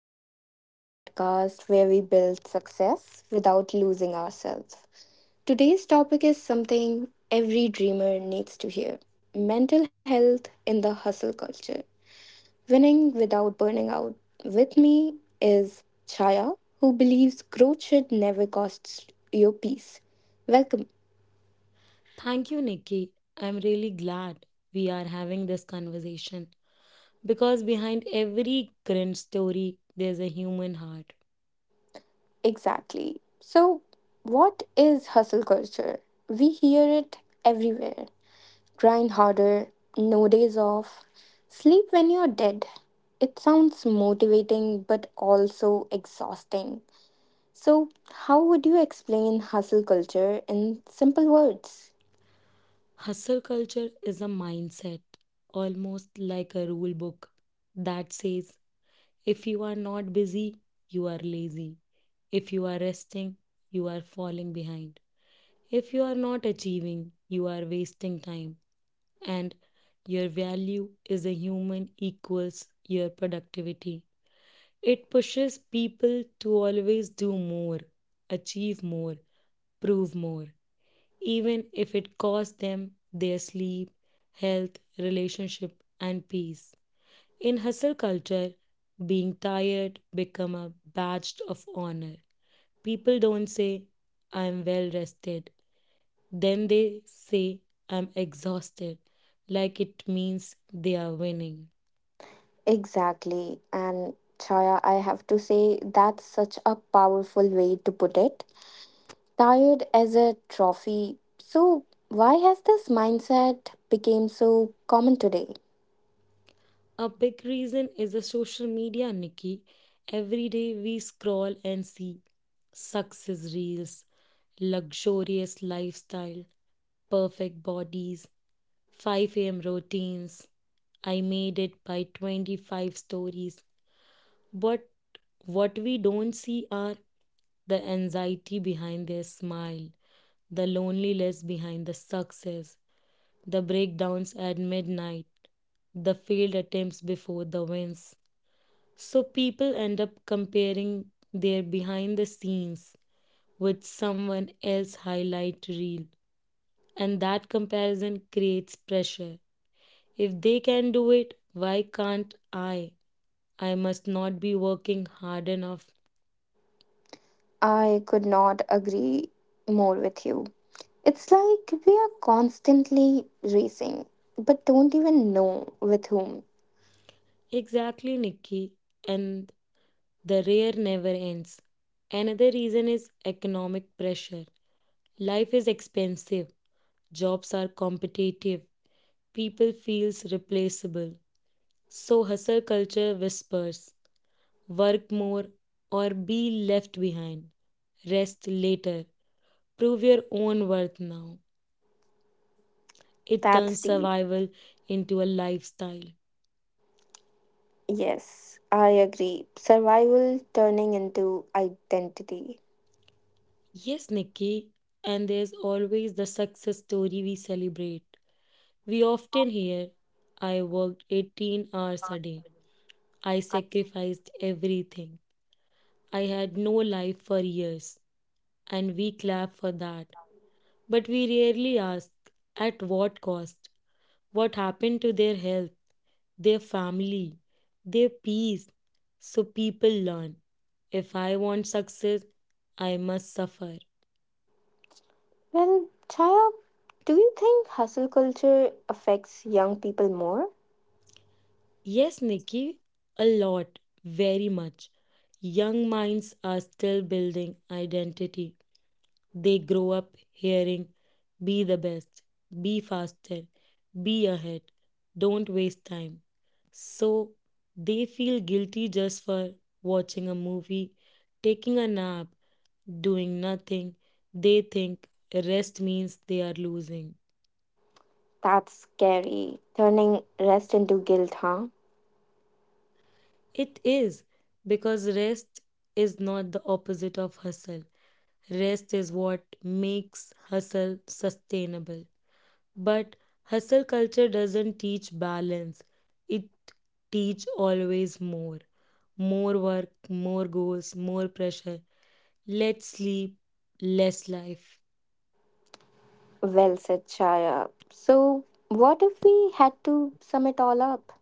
Welcome to my podcast where we build success without losing ourselves. Today's topic is something every dreamer needs to hear mental health in the hustle culture. Winning without burning out. With me is Chaya, who believes growth should never cost your peace. Welcome. Thank you, Nikki. I'm really glad we are having this conversation because behind every cringe story, there's a human heart. Exactly. So, what is hustle culture? We hear it everywhere grind harder, no days off, sleep when you're dead. It sounds motivating but also exhausting. So, how would you explain hustle culture in simple words? Hustle culture is a mindset, almost like a rule book that says if you are not busy, you are lazy. If you are resting, you are falling behind. If you are not achieving, you are wasting time. And your value is a human equals your productivity. It pushes people to always do more, achieve more, prove more, even if it costs them their sleep, health, relationship, and peace. In hustle culture, being tired become a badge of honor. People don't say, I am well rested. Then they say, I'm exhausted, like it means they are winning. Exactly. And Chaya, I have to say that's such a powerful way to put it. Tired as a trophy. So, why has this mindset become so common today? A big reason is the social media, Nikki. Every day we scroll and see success reels, luxurious lifestyle, perfect bodies, 5 a.m. routines. I made it by 25 stories. But what we don't see are the anxiety behind their smile, the loneliness behind the success, the breakdowns at midnight, the failed attempts before the wins. So people end up comparing their behind the scenes with someone else's highlight reel, and that comparison creates pressure. If they can do it, why can't I? I must not be working hard enough. I could not agree more with you. It's like we are constantly racing, but don't even know with whom. Exactly, Nikki. And the rare never ends. Another reason is economic pressure. Life is expensive, jobs are competitive, people feels replaceable. So hustle culture whispers work more or be left behind. Rest later. Prove your own worth now. It That's turns deep. survival into a lifestyle. Yes, I agree. Survival turning into identity. Yes, Nikki, and there's always the success story we celebrate. We often hear, I worked 18 hours a day. I sacrificed everything. I had no life for years. And we clap for that. But we rarely ask at what cost? What happened to their health, their family, their peace? So people learn. If I want success, I must suffer. Well, Chaya, do you think hustle culture affects young people more? Yes, Nikki, a lot, very much. Young minds are still building identity. They grow up hearing, be the best, be faster, be ahead, don't waste time. So they feel guilty just for watching a movie, taking a nap, doing nothing. They think rest means they are losing. That's scary. Turning rest into guilt, huh? It is because rest is not the opposite of hustle. Rest is what makes hustle sustainable. But hustle culture doesn't teach balance. It teach always more. More work, more goals, more pressure. Let's sleep, less life. Well said, Chaya. So, what if we had to sum it all up?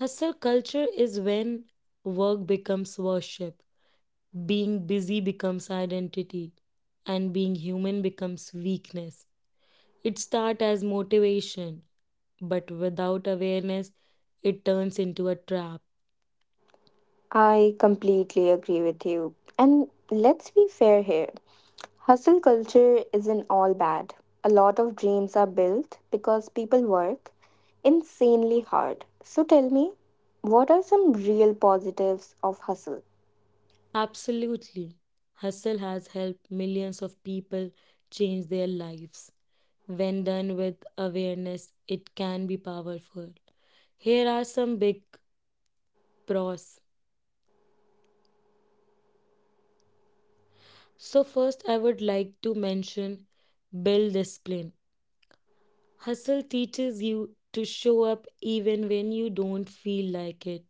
Hustle culture is when work becomes worship, being busy becomes identity, and being human becomes weakness. It starts as motivation, but without awareness, it turns into a trap. I completely agree with you. And let's be fair here. Hustle culture isn't all bad. A lot of dreams are built because people work insanely hard. So tell me, what are some real positives of hustle? Absolutely. Hustle has helped millions of people change their lives. When done with awareness, it can be powerful. Here are some big pros. So, first, I would like to mention build discipline. Hustle teaches you to show up even when you don't feel like it.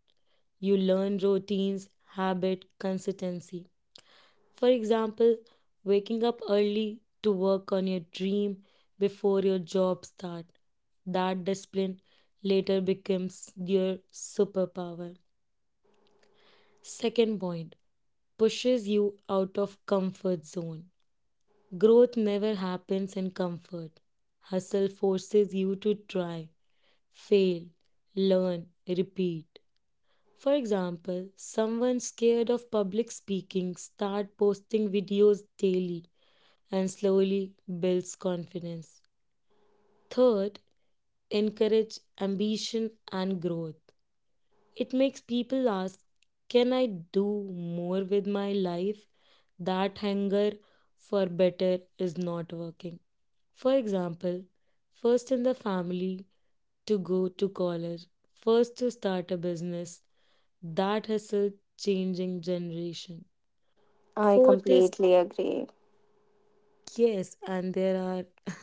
You learn routines, habit, consistency. For example, waking up early to work on your dream before your job start. That discipline later becomes your superpower. Second point, pushes you out of comfort zone. Growth never happens in comfort. Hustle forces you to try, fail, learn, repeat. For example, someone scared of public speaking start posting videos daily and slowly builds confidence. Third, encourage ambition and growth. It makes people ask, can I do more with my life? That hunger for better is not working. For example, first in the family to go to college, first to start a business, that hustle changing generation. I Fourth is completely agree. yes, and there are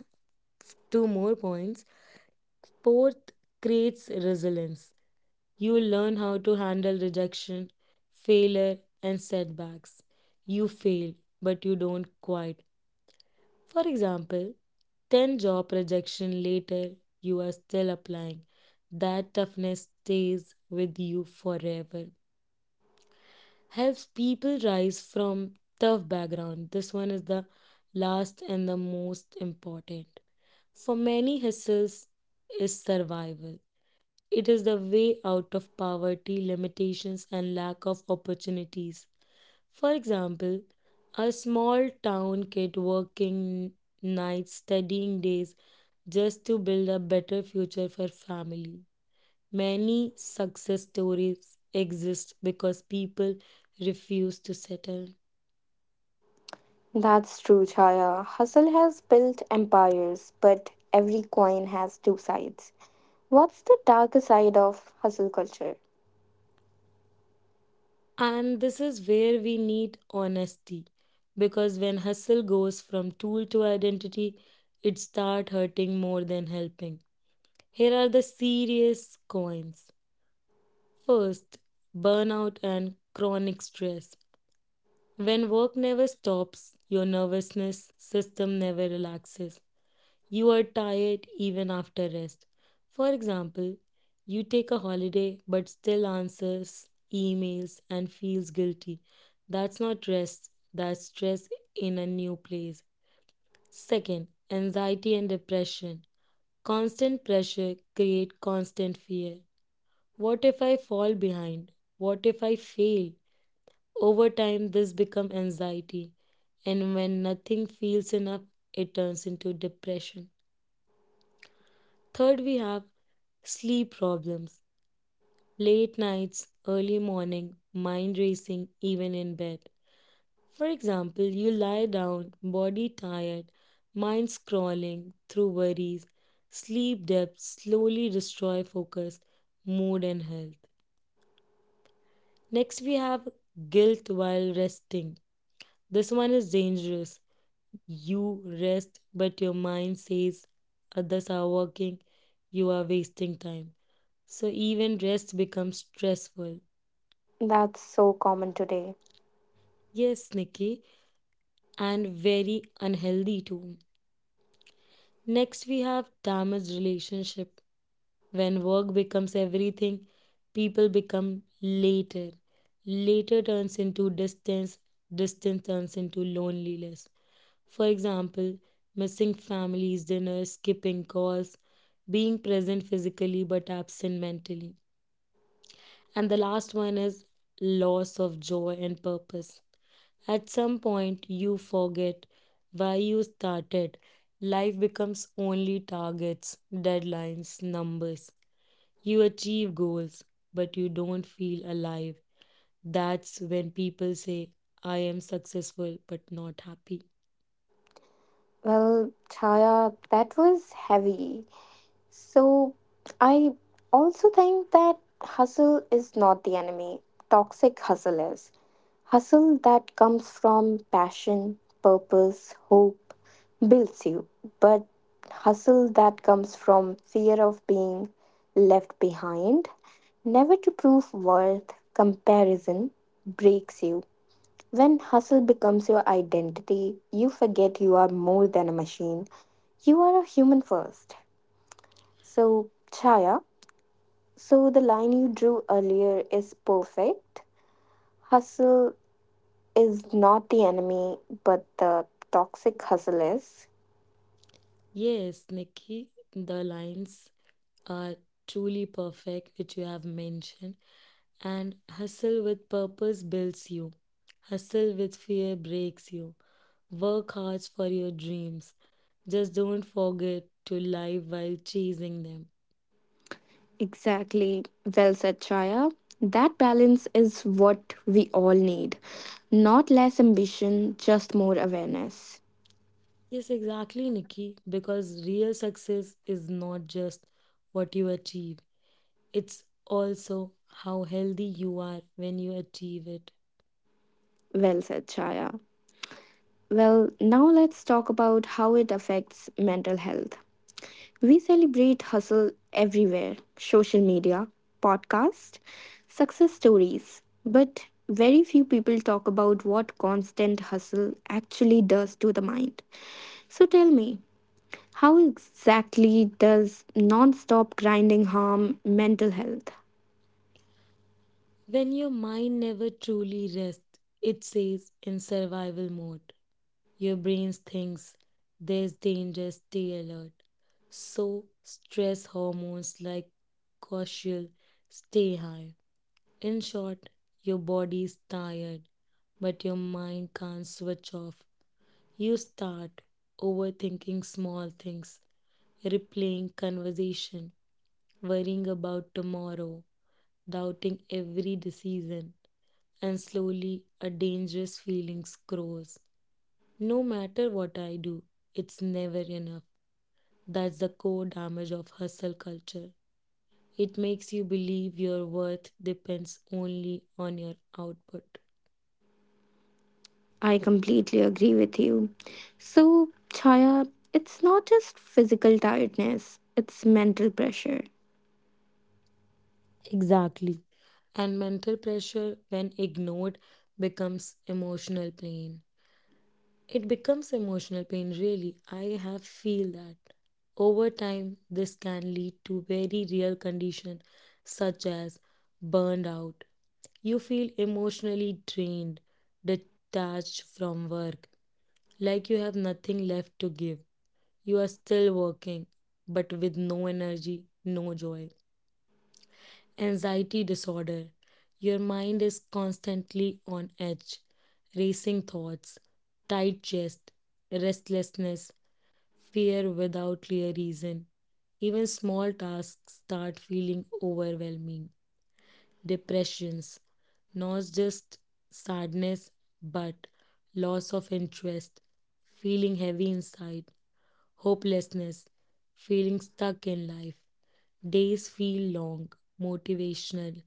two more points. Sport creates resilience. You will learn how to handle rejection, failure, and setbacks. You fail, but you don't quit. For example, 10 job rejection later, you are still applying. That toughness stays with you forever. Helps people rise from tough background. This one is the last and the most important. For many, hustles is survival. It is the way out of poverty, limitations, and lack of opportunities. For example, a small town kid working nights, studying days, just to build a better future for family. Many success stories exist because people refuse to settle. That's true, Chaya. Hustle has built empires, but every coin has two sides. What's the darker side of hustle culture? And this is where we need honesty because when hustle goes from tool to identity, it starts hurting more than helping. Here are the serious coins. First, burnout and chronic stress. When work never stops, your nervousness system never relaxes. You are tired even after rest. For example, you take a holiday but still answers emails and feels guilty. That's not rest, that's stress in a new place. Second, anxiety and depression. Constant pressure create constant fear. What if I fall behind? What if I fail? Over time this become anxiety, and when nothing feels enough it turns into depression. Third, we have sleep problems, late nights, early morning, mind racing, even in bed. For example, you lie down, body tired, mind scrolling through worries. Sleep depths slowly destroy focus, mood, and health. Next, we have guilt while resting. This one is dangerous. You rest, but your mind says others are working, you are wasting time. So even rest becomes stressful. That's so common today. Yes, Nikki, and very unhealthy too. Next, we have damaged relationship. When work becomes everything, people become later. Later turns into distance, distance turns into loneliness. For example, missing families' dinners, skipping calls, being present physically but absent mentally. And the last one is loss of joy and purpose. At some point, you forget why you started. Life becomes only targets, deadlines, numbers. You achieve goals, but you don't feel alive. That's when people say, I am successful but not happy. Well, Chaya, that was heavy. So, I also think that hustle is not the enemy. Toxic hustle is. Hustle that comes from passion, purpose, hope builds you. But hustle that comes from fear of being left behind, never to prove worth, comparison breaks you. When hustle becomes your identity, you forget you are more than a machine. You are a human first. So, Chaya, so the line you drew earlier is perfect. Hustle is not the enemy, but the toxic hustle is. Yes, Nikki, the lines are truly perfect, which you have mentioned. And hustle with purpose builds you. Hustle with fear breaks you. Work hard for your dreams. Just don't forget to live while chasing them. Exactly. Well said, Chaya. That balance is what we all need. Not less ambition, just more awareness. Yes, exactly, Nikki. Because real success is not just what you achieve, it's also how healthy you are when you achieve it. Well said, Chaya. Well, now let's talk about how it affects mental health. We celebrate hustle everywhere social media, podcast, success stories. But very few people talk about what constant hustle actually does to the mind. So tell me, how exactly does non stop grinding harm mental health? When your mind never truly rests, it stays in survival mode. Your brain thinks there's danger, stay alert. So, stress hormones like cortisol stay high. In short, your body is tired, but your mind can't switch off. You start overthinking small things, replaying conversation, worrying about tomorrow, doubting every decision, and slowly a dangerous feeling grows. No matter what I do, it's never enough. That's the core damage of hustle culture. It makes you believe your worth depends only on your output. I completely agree with you. So, Chaya, it's not just physical tiredness, it's mental pressure. Exactly. And mental pressure, when ignored, becomes emotional pain. It becomes emotional pain, really. I have feel that. Over time, this can lead to very real condition such as burned out. You feel emotionally drained, detached from work, like you have nothing left to give. You are still working, but with no energy, no joy. Anxiety disorder. Your mind is constantly on edge, racing thoughts, tight chest, restlessness, fear without clear reason. Even small tasks start feeling overwhelming. Depressions, not just sadness, but loss of interest, feeling heavy inside, hopelessness, feeling stuck in life. Days feel long, motivational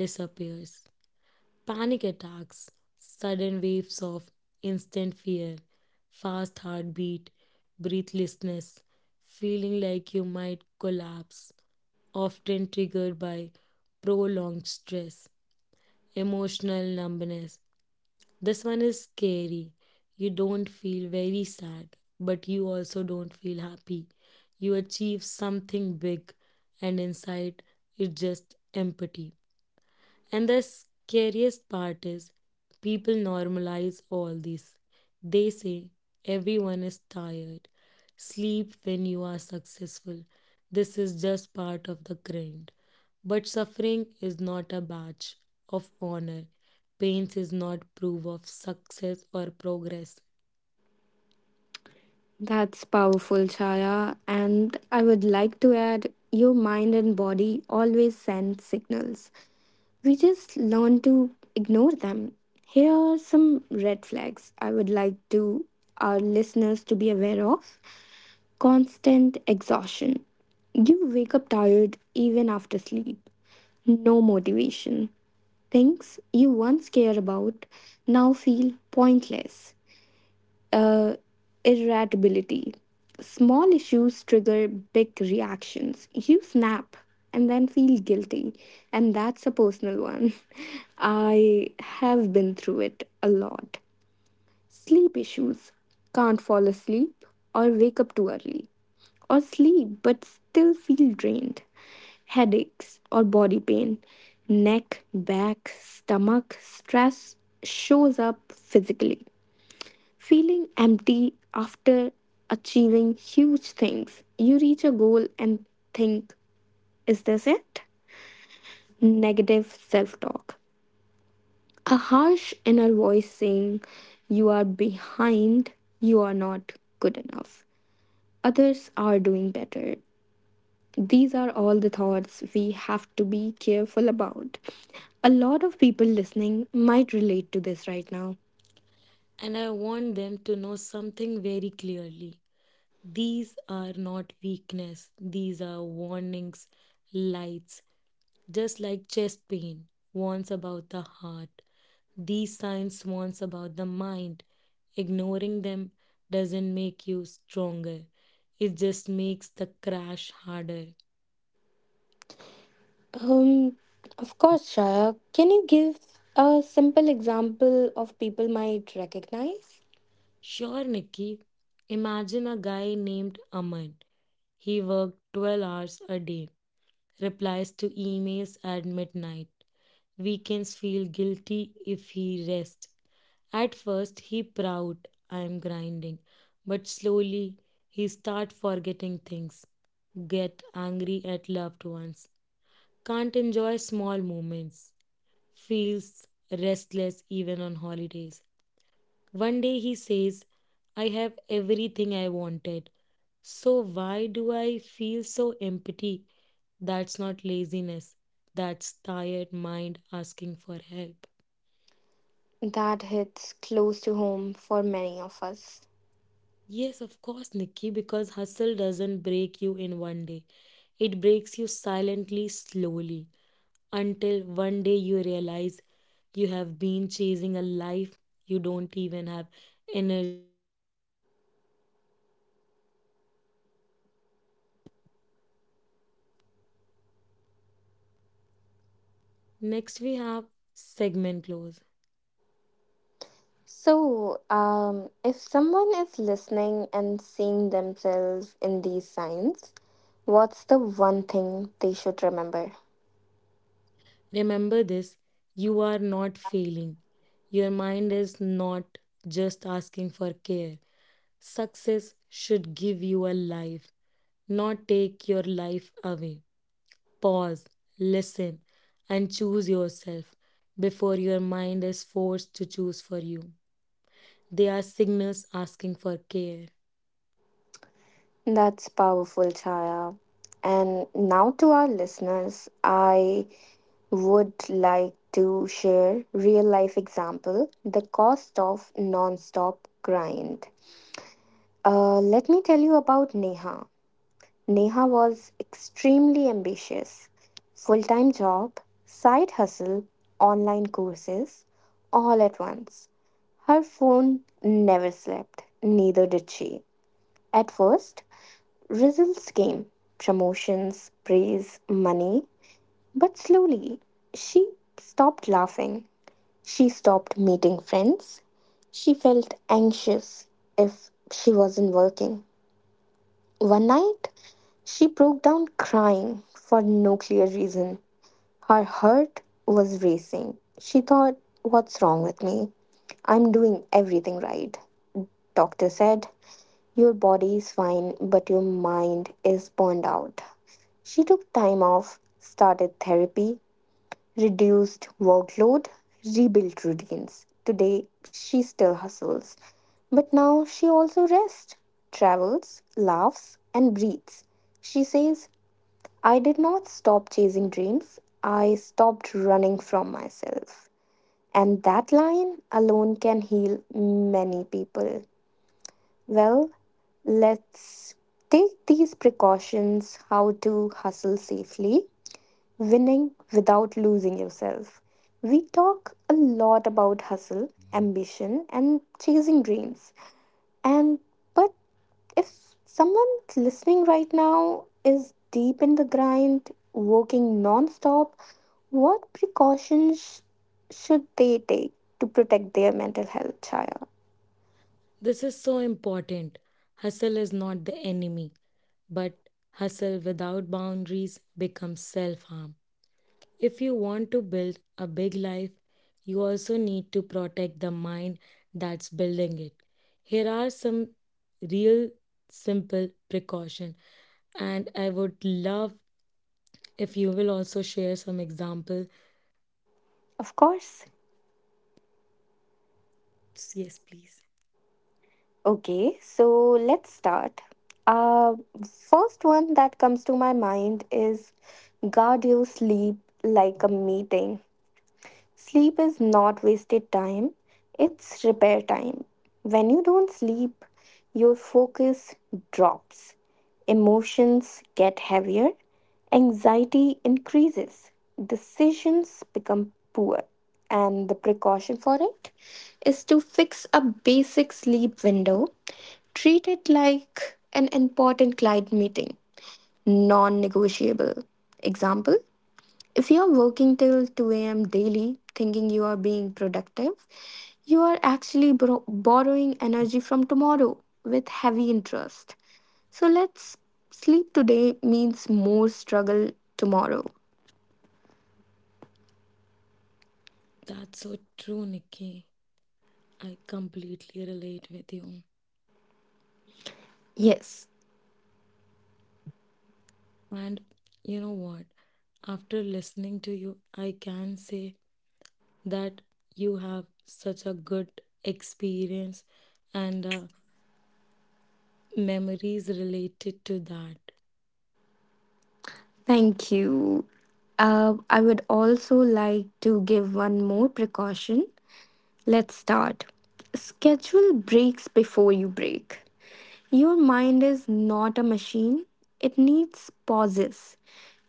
disappears, panic attacks, sudden waves of instant fear, fast heartbeat, breathlessness, feeling like you might collapse, often triggered by prolonged stress, emotional numbness. This one is scary. You don't feel very sad, but you also don't feel happy. You achieve something big, and inside it's just empty. And the scariest part is people normalize all this. They say everyone is tired. Sleep when you are successful. This is just part of the grind. But suffering is not a badge of honor. Pain is not proof of success or progress. That's powerful, Chaya. And I would like to add your mind and body always send signals. We just learn to ignore them. Here are some red flags I would like to our listeners to be aware of. Constant exhaustion. You wake up tired even after sleep. No motivation. Things you once care about now feel pointless uh, irritability. Small issues trigger big reactions. You snap and then feel guilty, and that's a personal one. I have been through it a lot. Sleep issues can't fall asleep or wake up too early, or sleep but still feel drained. Headaches or body pain, neck, back, stomach, stress shows up physically. Feeling empty after achieving huge things, you reach a goal and think, is this it? Negative self talk. A harsh inner voice saying, you are behind, you are not good enough, others are doing better. These are all the thoughts we have to be careful about. A lot of people listening might relate to this right now. And I want them to know something very clearly. These are not weakness, these are warnings, lights. Just like chest pain warns about the heart, these signs warns about the mind. Ignoring them doesn't make you stronger. It just makes the crash harder. Um, of course, Shaya. Can you give a simple example of people might recognize? Sure, Nikki. Imagine a guy named Aman. He worked 12 hours a day, replies to emails at midnight. Weekends feel guilty if he rests. At first he proud I'm grinding, but slowly he start forgetting things, get angry at loved ones, can't enjoy small moments, feels restless even on holidays. One day he says, I have everything I wanted. So why do I feel so empty? That's not laziness. That's tired mind asking for help. That hits close to home for many of us. Yes, of course, Nikki, because hustle doesn't break you in one day. It breaks you silently, slowly, until one day you realize you have been chasing a life you don't even have energy. Next, we have segment close. So, if someone is listening and seeing themselves in these signs, what's the one thing they should remember? Remember this: you are not failing. Your mind is not just asking for care. Success should give you a life, not take your life away. Pause, listen, and choose yourself before your mind is forced to choose for you. They are signals asking for care. That's powerful, Chaya. And now to our listeners, I would like to share real life example the cost of non-stop grind. Let me tell you about Neha. Neha was extremely ambitious, full-time job, side hustle, online courses, all at once. Her phone never slept, neither did she. At first, results came, promotions, praise, money. But slowly, she stopped laughing. She stopped meeting friends. She felt anxious if she wasn't working. One night, she broke down crying for no clear reason. Her heart was racing. She thought, what's wrong with me? I'm doing everything right. Doctor said, your body is fine, but your mind is burned out. She took time off, started therapy, reduced workload, rebuilt routines. Today, she still hustles. But now she also rests, travels, laughs, and breathes. She says, I did not stop chasing dreams, I stopped running from myself. And that line alone can heal many people. Well, let's take these precautions how to hustle safely, winning without losing yourself. We talk a lot about hustle, ambition, and chasing dreams. And but if someone listening right now is deep in the grind, working non stop, what precautions should they take to protect their mental health, Chaya? This is so important. Hustle is not the enemy, but hustle without boundaries becomes self harm. If you want to build a big life, you also need to protect the mind that's building it. Here are some real simple precaution and I would love if you will also share some example. Of course. Yes, please. Okay, so let's start. Uh, First one that comes to my mind is guard your sleep like a meeting. Sleep is not wasted time, it's repair time. When you don't sleep, your focus drops, emotions get heavier, anxiety increases, decisions become poor. And the precaution for it is to fix a basic sleep window, treat it like an important client meeting, non negotiable. Example if you're working till 2 a.m. daily thinking you are being productive, you are actually borrowing energy from tomorrow with heavy interest. So let's sleep today means more struggle tomorrow. That's so true, Nikki. I completely relate with you. Yes, And you know what? After listening to you, I can say that you have such a good experience and memories related to that. thank you. I would also like to give one more precaution. Let's start. Schedule breaks before you break. Your mind is not a machine. It needs pauses,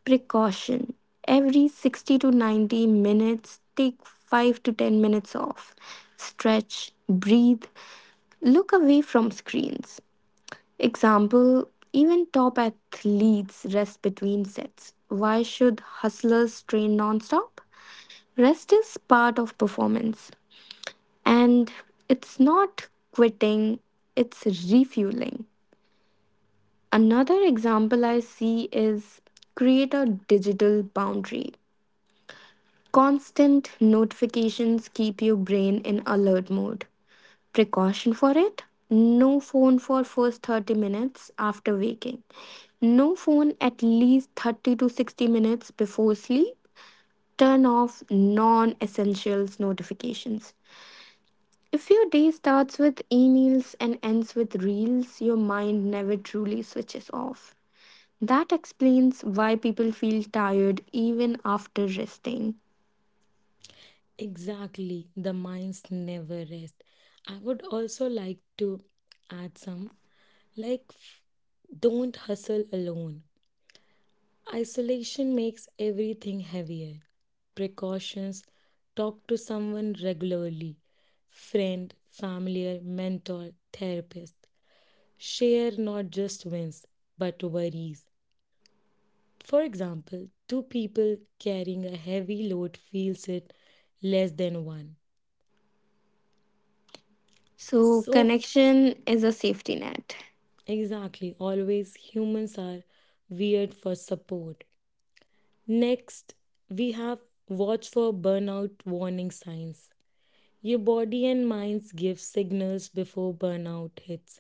precaution. Every 60 to 90 minutes, take 5 to 10 minutes off. Stretch, breathe, look away from screens. Example even top athletes rest between sets. Why should hustlers train non-stop? Rest is part of performance, and it's not quitting, it's refueling. Another example I see is create a digital boundary. Constant notifications keep your brain in alert mode. Precaution for it? No phone for first 30 minutes after waking. No phone at least 30 to 60 minutes before sleep. Turn off non-essentials notifications. If your day starts with emails and ends with reels, your mind never truly switches off. That explains why people feel tired even after resting. Exactly, the minds never rest. I would also like to add some like, don't hustle alone. Isolation makes everything heavier. Precautions, talk to someone regularly, friend, familiar, mentor, therapist. Share not just wins, but worries. For example, two people carrying a heavy load feels it less than one. So, So, connection is a safety net. exactly, always humans are weird for support. Next, we have watch for burnout warning signs. Your body and minds give signals before burnout hits.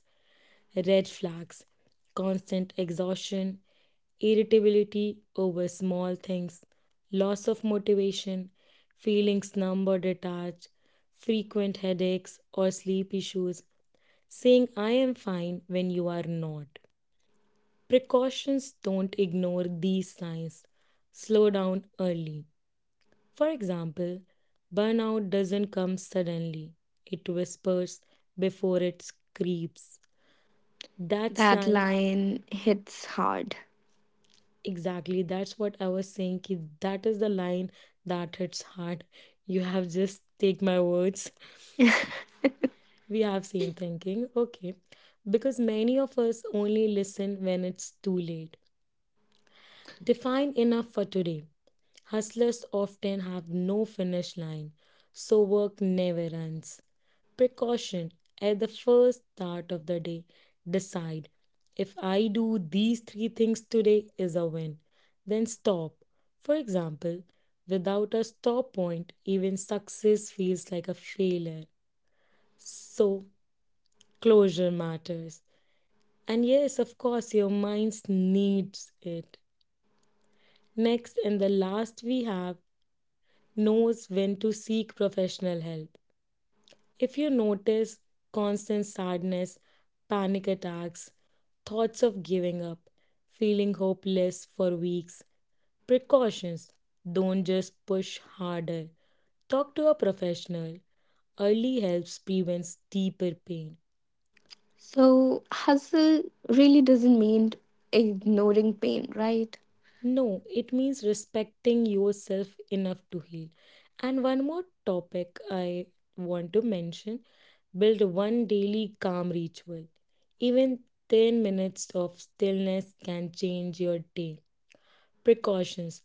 Red flags, constant exhaustion, irritability over small things, loss of motivation, feelings numb or detached, frequent headaches or sleep issues, saying I am fine when you are not. Precautions don't ignore these signs. Slow down early. For example, burnout doesn't come suddenly, it whispers before it creeps. That's That line, line hits hard. exactly, that's what I was saying. Ki that is the line that hits hard. You have just take my words. We have same thinking, okay. Because many of us only listen when it's too late. Define enough for today. Hustlers often have no finish line, so work never ends. Precaution at the first start of the day. Decide if I do these three things today is a win. Then stop. For example, without a stop point, even success feels like a failure. So, closure matters. And yes, of course, your mind needs it. Next and the last, we have knows when to seek professional help. If you notice constant sadness, panic attacks, thoughts of giving up, feeling hopeless for weeks, precautions don't just push harder. Talk to a professional. Early helps prevents deeper pain. So, hustle really doesn't mean ignoring pain, right? No, it means respecting yourself enough to heal. And one more topic I want to mention build one daily calm ritual. Even 10 minutes of stillness can change your day. Precautions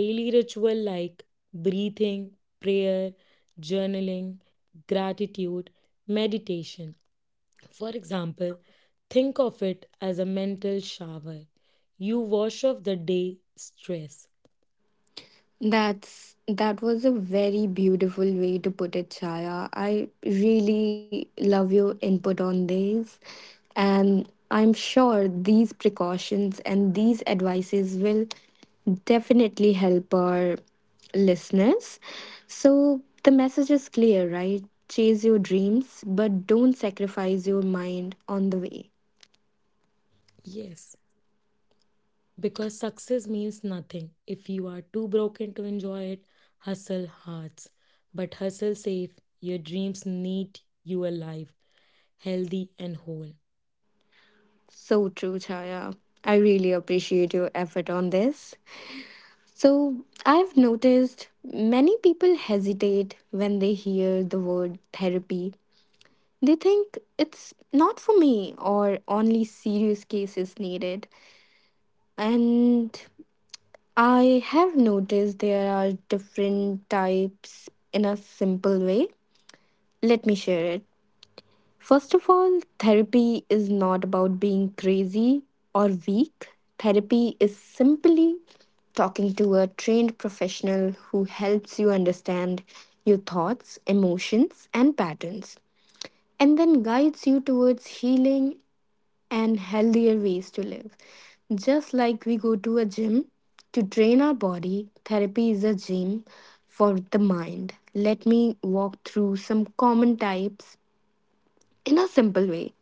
daily ritual like breathing, prayer, journaling, gratitude, meditation. For example, think of it as a mental shower. You wash off the day stress. That's that was a very beautiful way to put it, Chaya. I really love your input on this. And I'm sure these precautions and these advices will definitely help our listeners. So the message is clear, right? Chase your dreams, but don't sacrifice your mind on the way. Yes, because success means nothing if you are too broken to enjoy it. Hustle hearts, but hustle safe. Your dreams need you alive, healthy, and whole. So true, Chaya. I really appreciate your effort on this. So, I've noticed many people hesitate when they hear the word therapy. They think it's not for me or only serious cases needed. And I have noticed there are different types in a simple way. Let me share it. First of all, therapy is not about being crazy or weak. Therapy is simply talking to a trained professional who helps you understand your thoughts, emotions, and patterns, and then guides you towards healing and healthier ways to live. Just like we go to a gym to train our body, therapy is a gym for the mind. Let me walk through some common types in a simple way.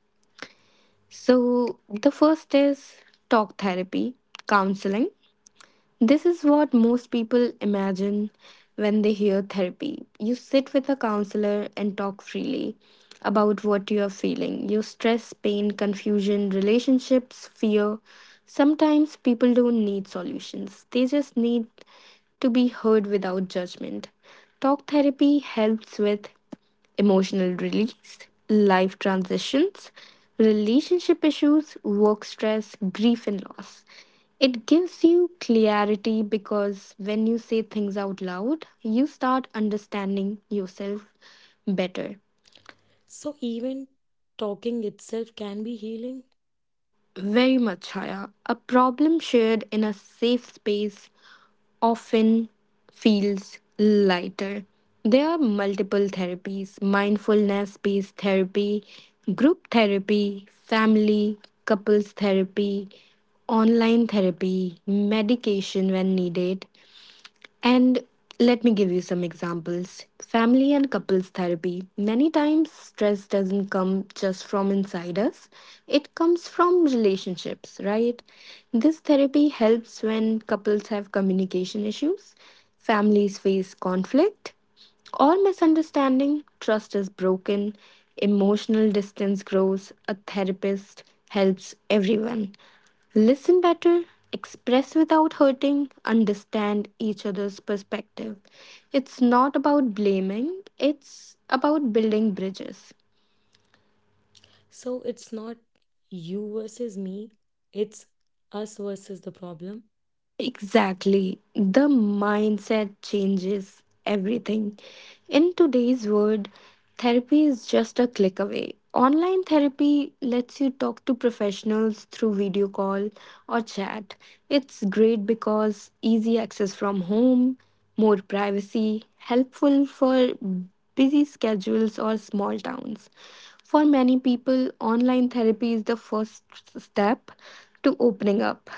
So, the first is talk therapy, counseling. This is what most people imagine when they hear therapy. You sit with a counselor and talk freely about what you are feeling your stress, pain, confusion, relationships, fear. Sometimes people don't need solutions, they just need to be heard without judgment. Talk therapy helps with emotional release, life transitions, relationship issues, work stress, grief, and loss. It gives you clarity because when you say things out loud, you start understanding yourself better. So, even talking itself can be healing. Very much higher. A problem shared in a safe space often feels lighter. There are multiple therapies mindfulness based therapy, group therapy, family, couples therapy, online therapy, medication when needed, and let me give you some examples. Family and couples therapy. Many times, stress doesn't come just from inside us, it comes from relationships, right? This therapy helps when couples have communication issues, families face conflict, or misunderstanding, trust is broken, emotional distance grows, a therapist helps everyone. Listen better, express without hurting, understand each other's perspective. It's not about blaming, it's about building bridges. So, it's not you versus me, it's us versus the problem. Exactly. The mindset changes everything. In today's world, therapy is just a click away. Online therapy lets you talk to professionals through video call or chat. It's great because easy access from home, more privacy, helpful for busy schedules or small towns. For many people, online therapy is the first step to opening up.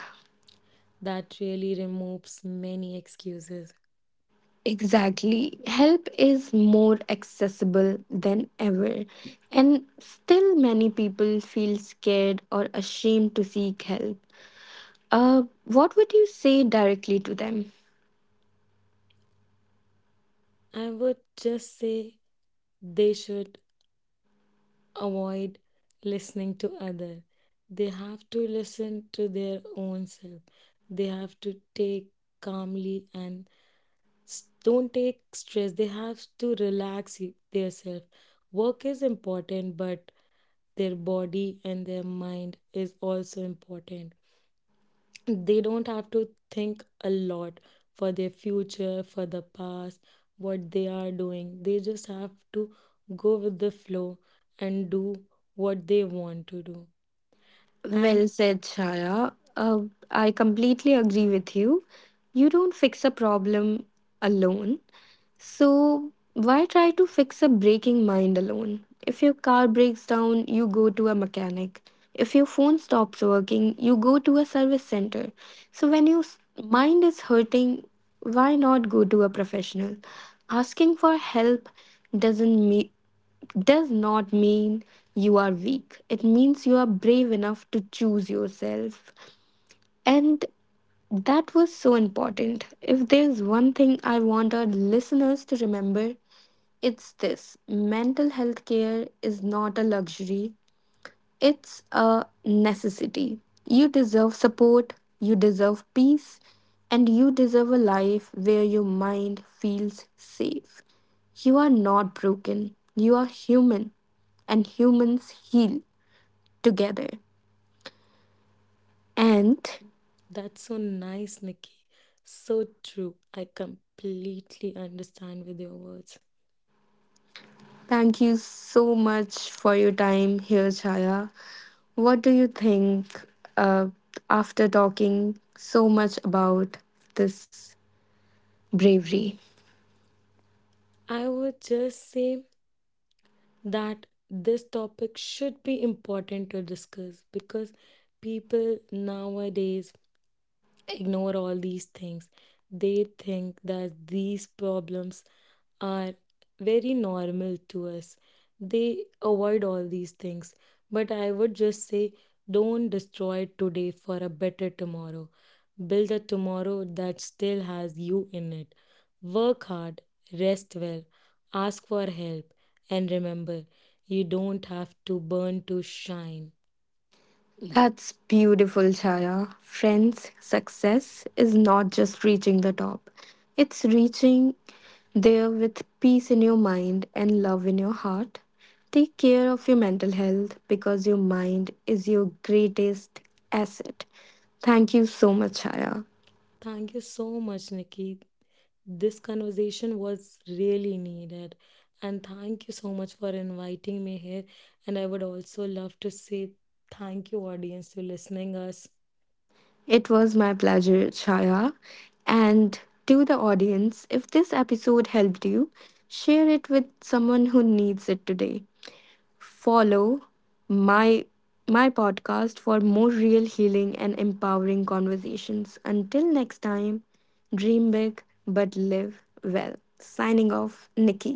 That really removes many excuses. Exactly. Help is more accessible than ever. And still, many people feel scared or ashamed to seek help. What would you say directly to them? I would just say they should avoid listening to other. They have to listen to their own self. They have to take calmly and don't take stress. They have to relax their self. Work is important, but their body and their mind is also important. They don't have to think a lot for their future, for the past, what they are doing. They just have to go with the flow and do what they want to do. And Well said, Shaya. I completely agree with you. You don't fix a problem alone. So, why try to fix a breaking mind alone? If your car breaks down, you go to a mechanic. If your phone stops working, you go to a service center. So, when your mind is hurting, why not go to a professional? Asking for help doesn't me- does not mean you are weak. It means you are brave enough to choose yourself. And that was so important. If there's one thing I want our listeners to remember, it's this mental health care is not a luxury, it's a necessity. You deserve support, you deserve peace, and you deserve a life where your mind feels safe. You are not broken, you are human and humans heal together. And that's so nice, Nikki. So true. I completely understand with your words. thank you so much for your time here, Chaya. What do you think uh, after talking so much about this bravery? I would just say that this topic should be important to discuss because people nowadays ignore all these things. They think that these problems are very normal to us. They avoid all these things. But I would just say don't destroy today for a better tomorrow. Build a tomorrow that still has you in it. Work hard, rest well, ask for help, and remember, you don't have to burn to shine. That's beautiful, Chaya. Friends, success is not just reaching the top, it's reaching there with peace in your mind and love in your heart. Take care of your mental health because your mind is your greatest asset. Thank you so much, Chaya. Thank you so much, Nikki. This conversation was really needed. And thank you so much for inviting me here. And I would also love to say thank you, audience, to listening us. It was my pleasure, Chaya. And to the audience, if this episode helped you, share it with someone who needs it today. Follow my my podcast for more real healing and empowering conversations. Until next time, dream big but live well. Signing off, Nikki.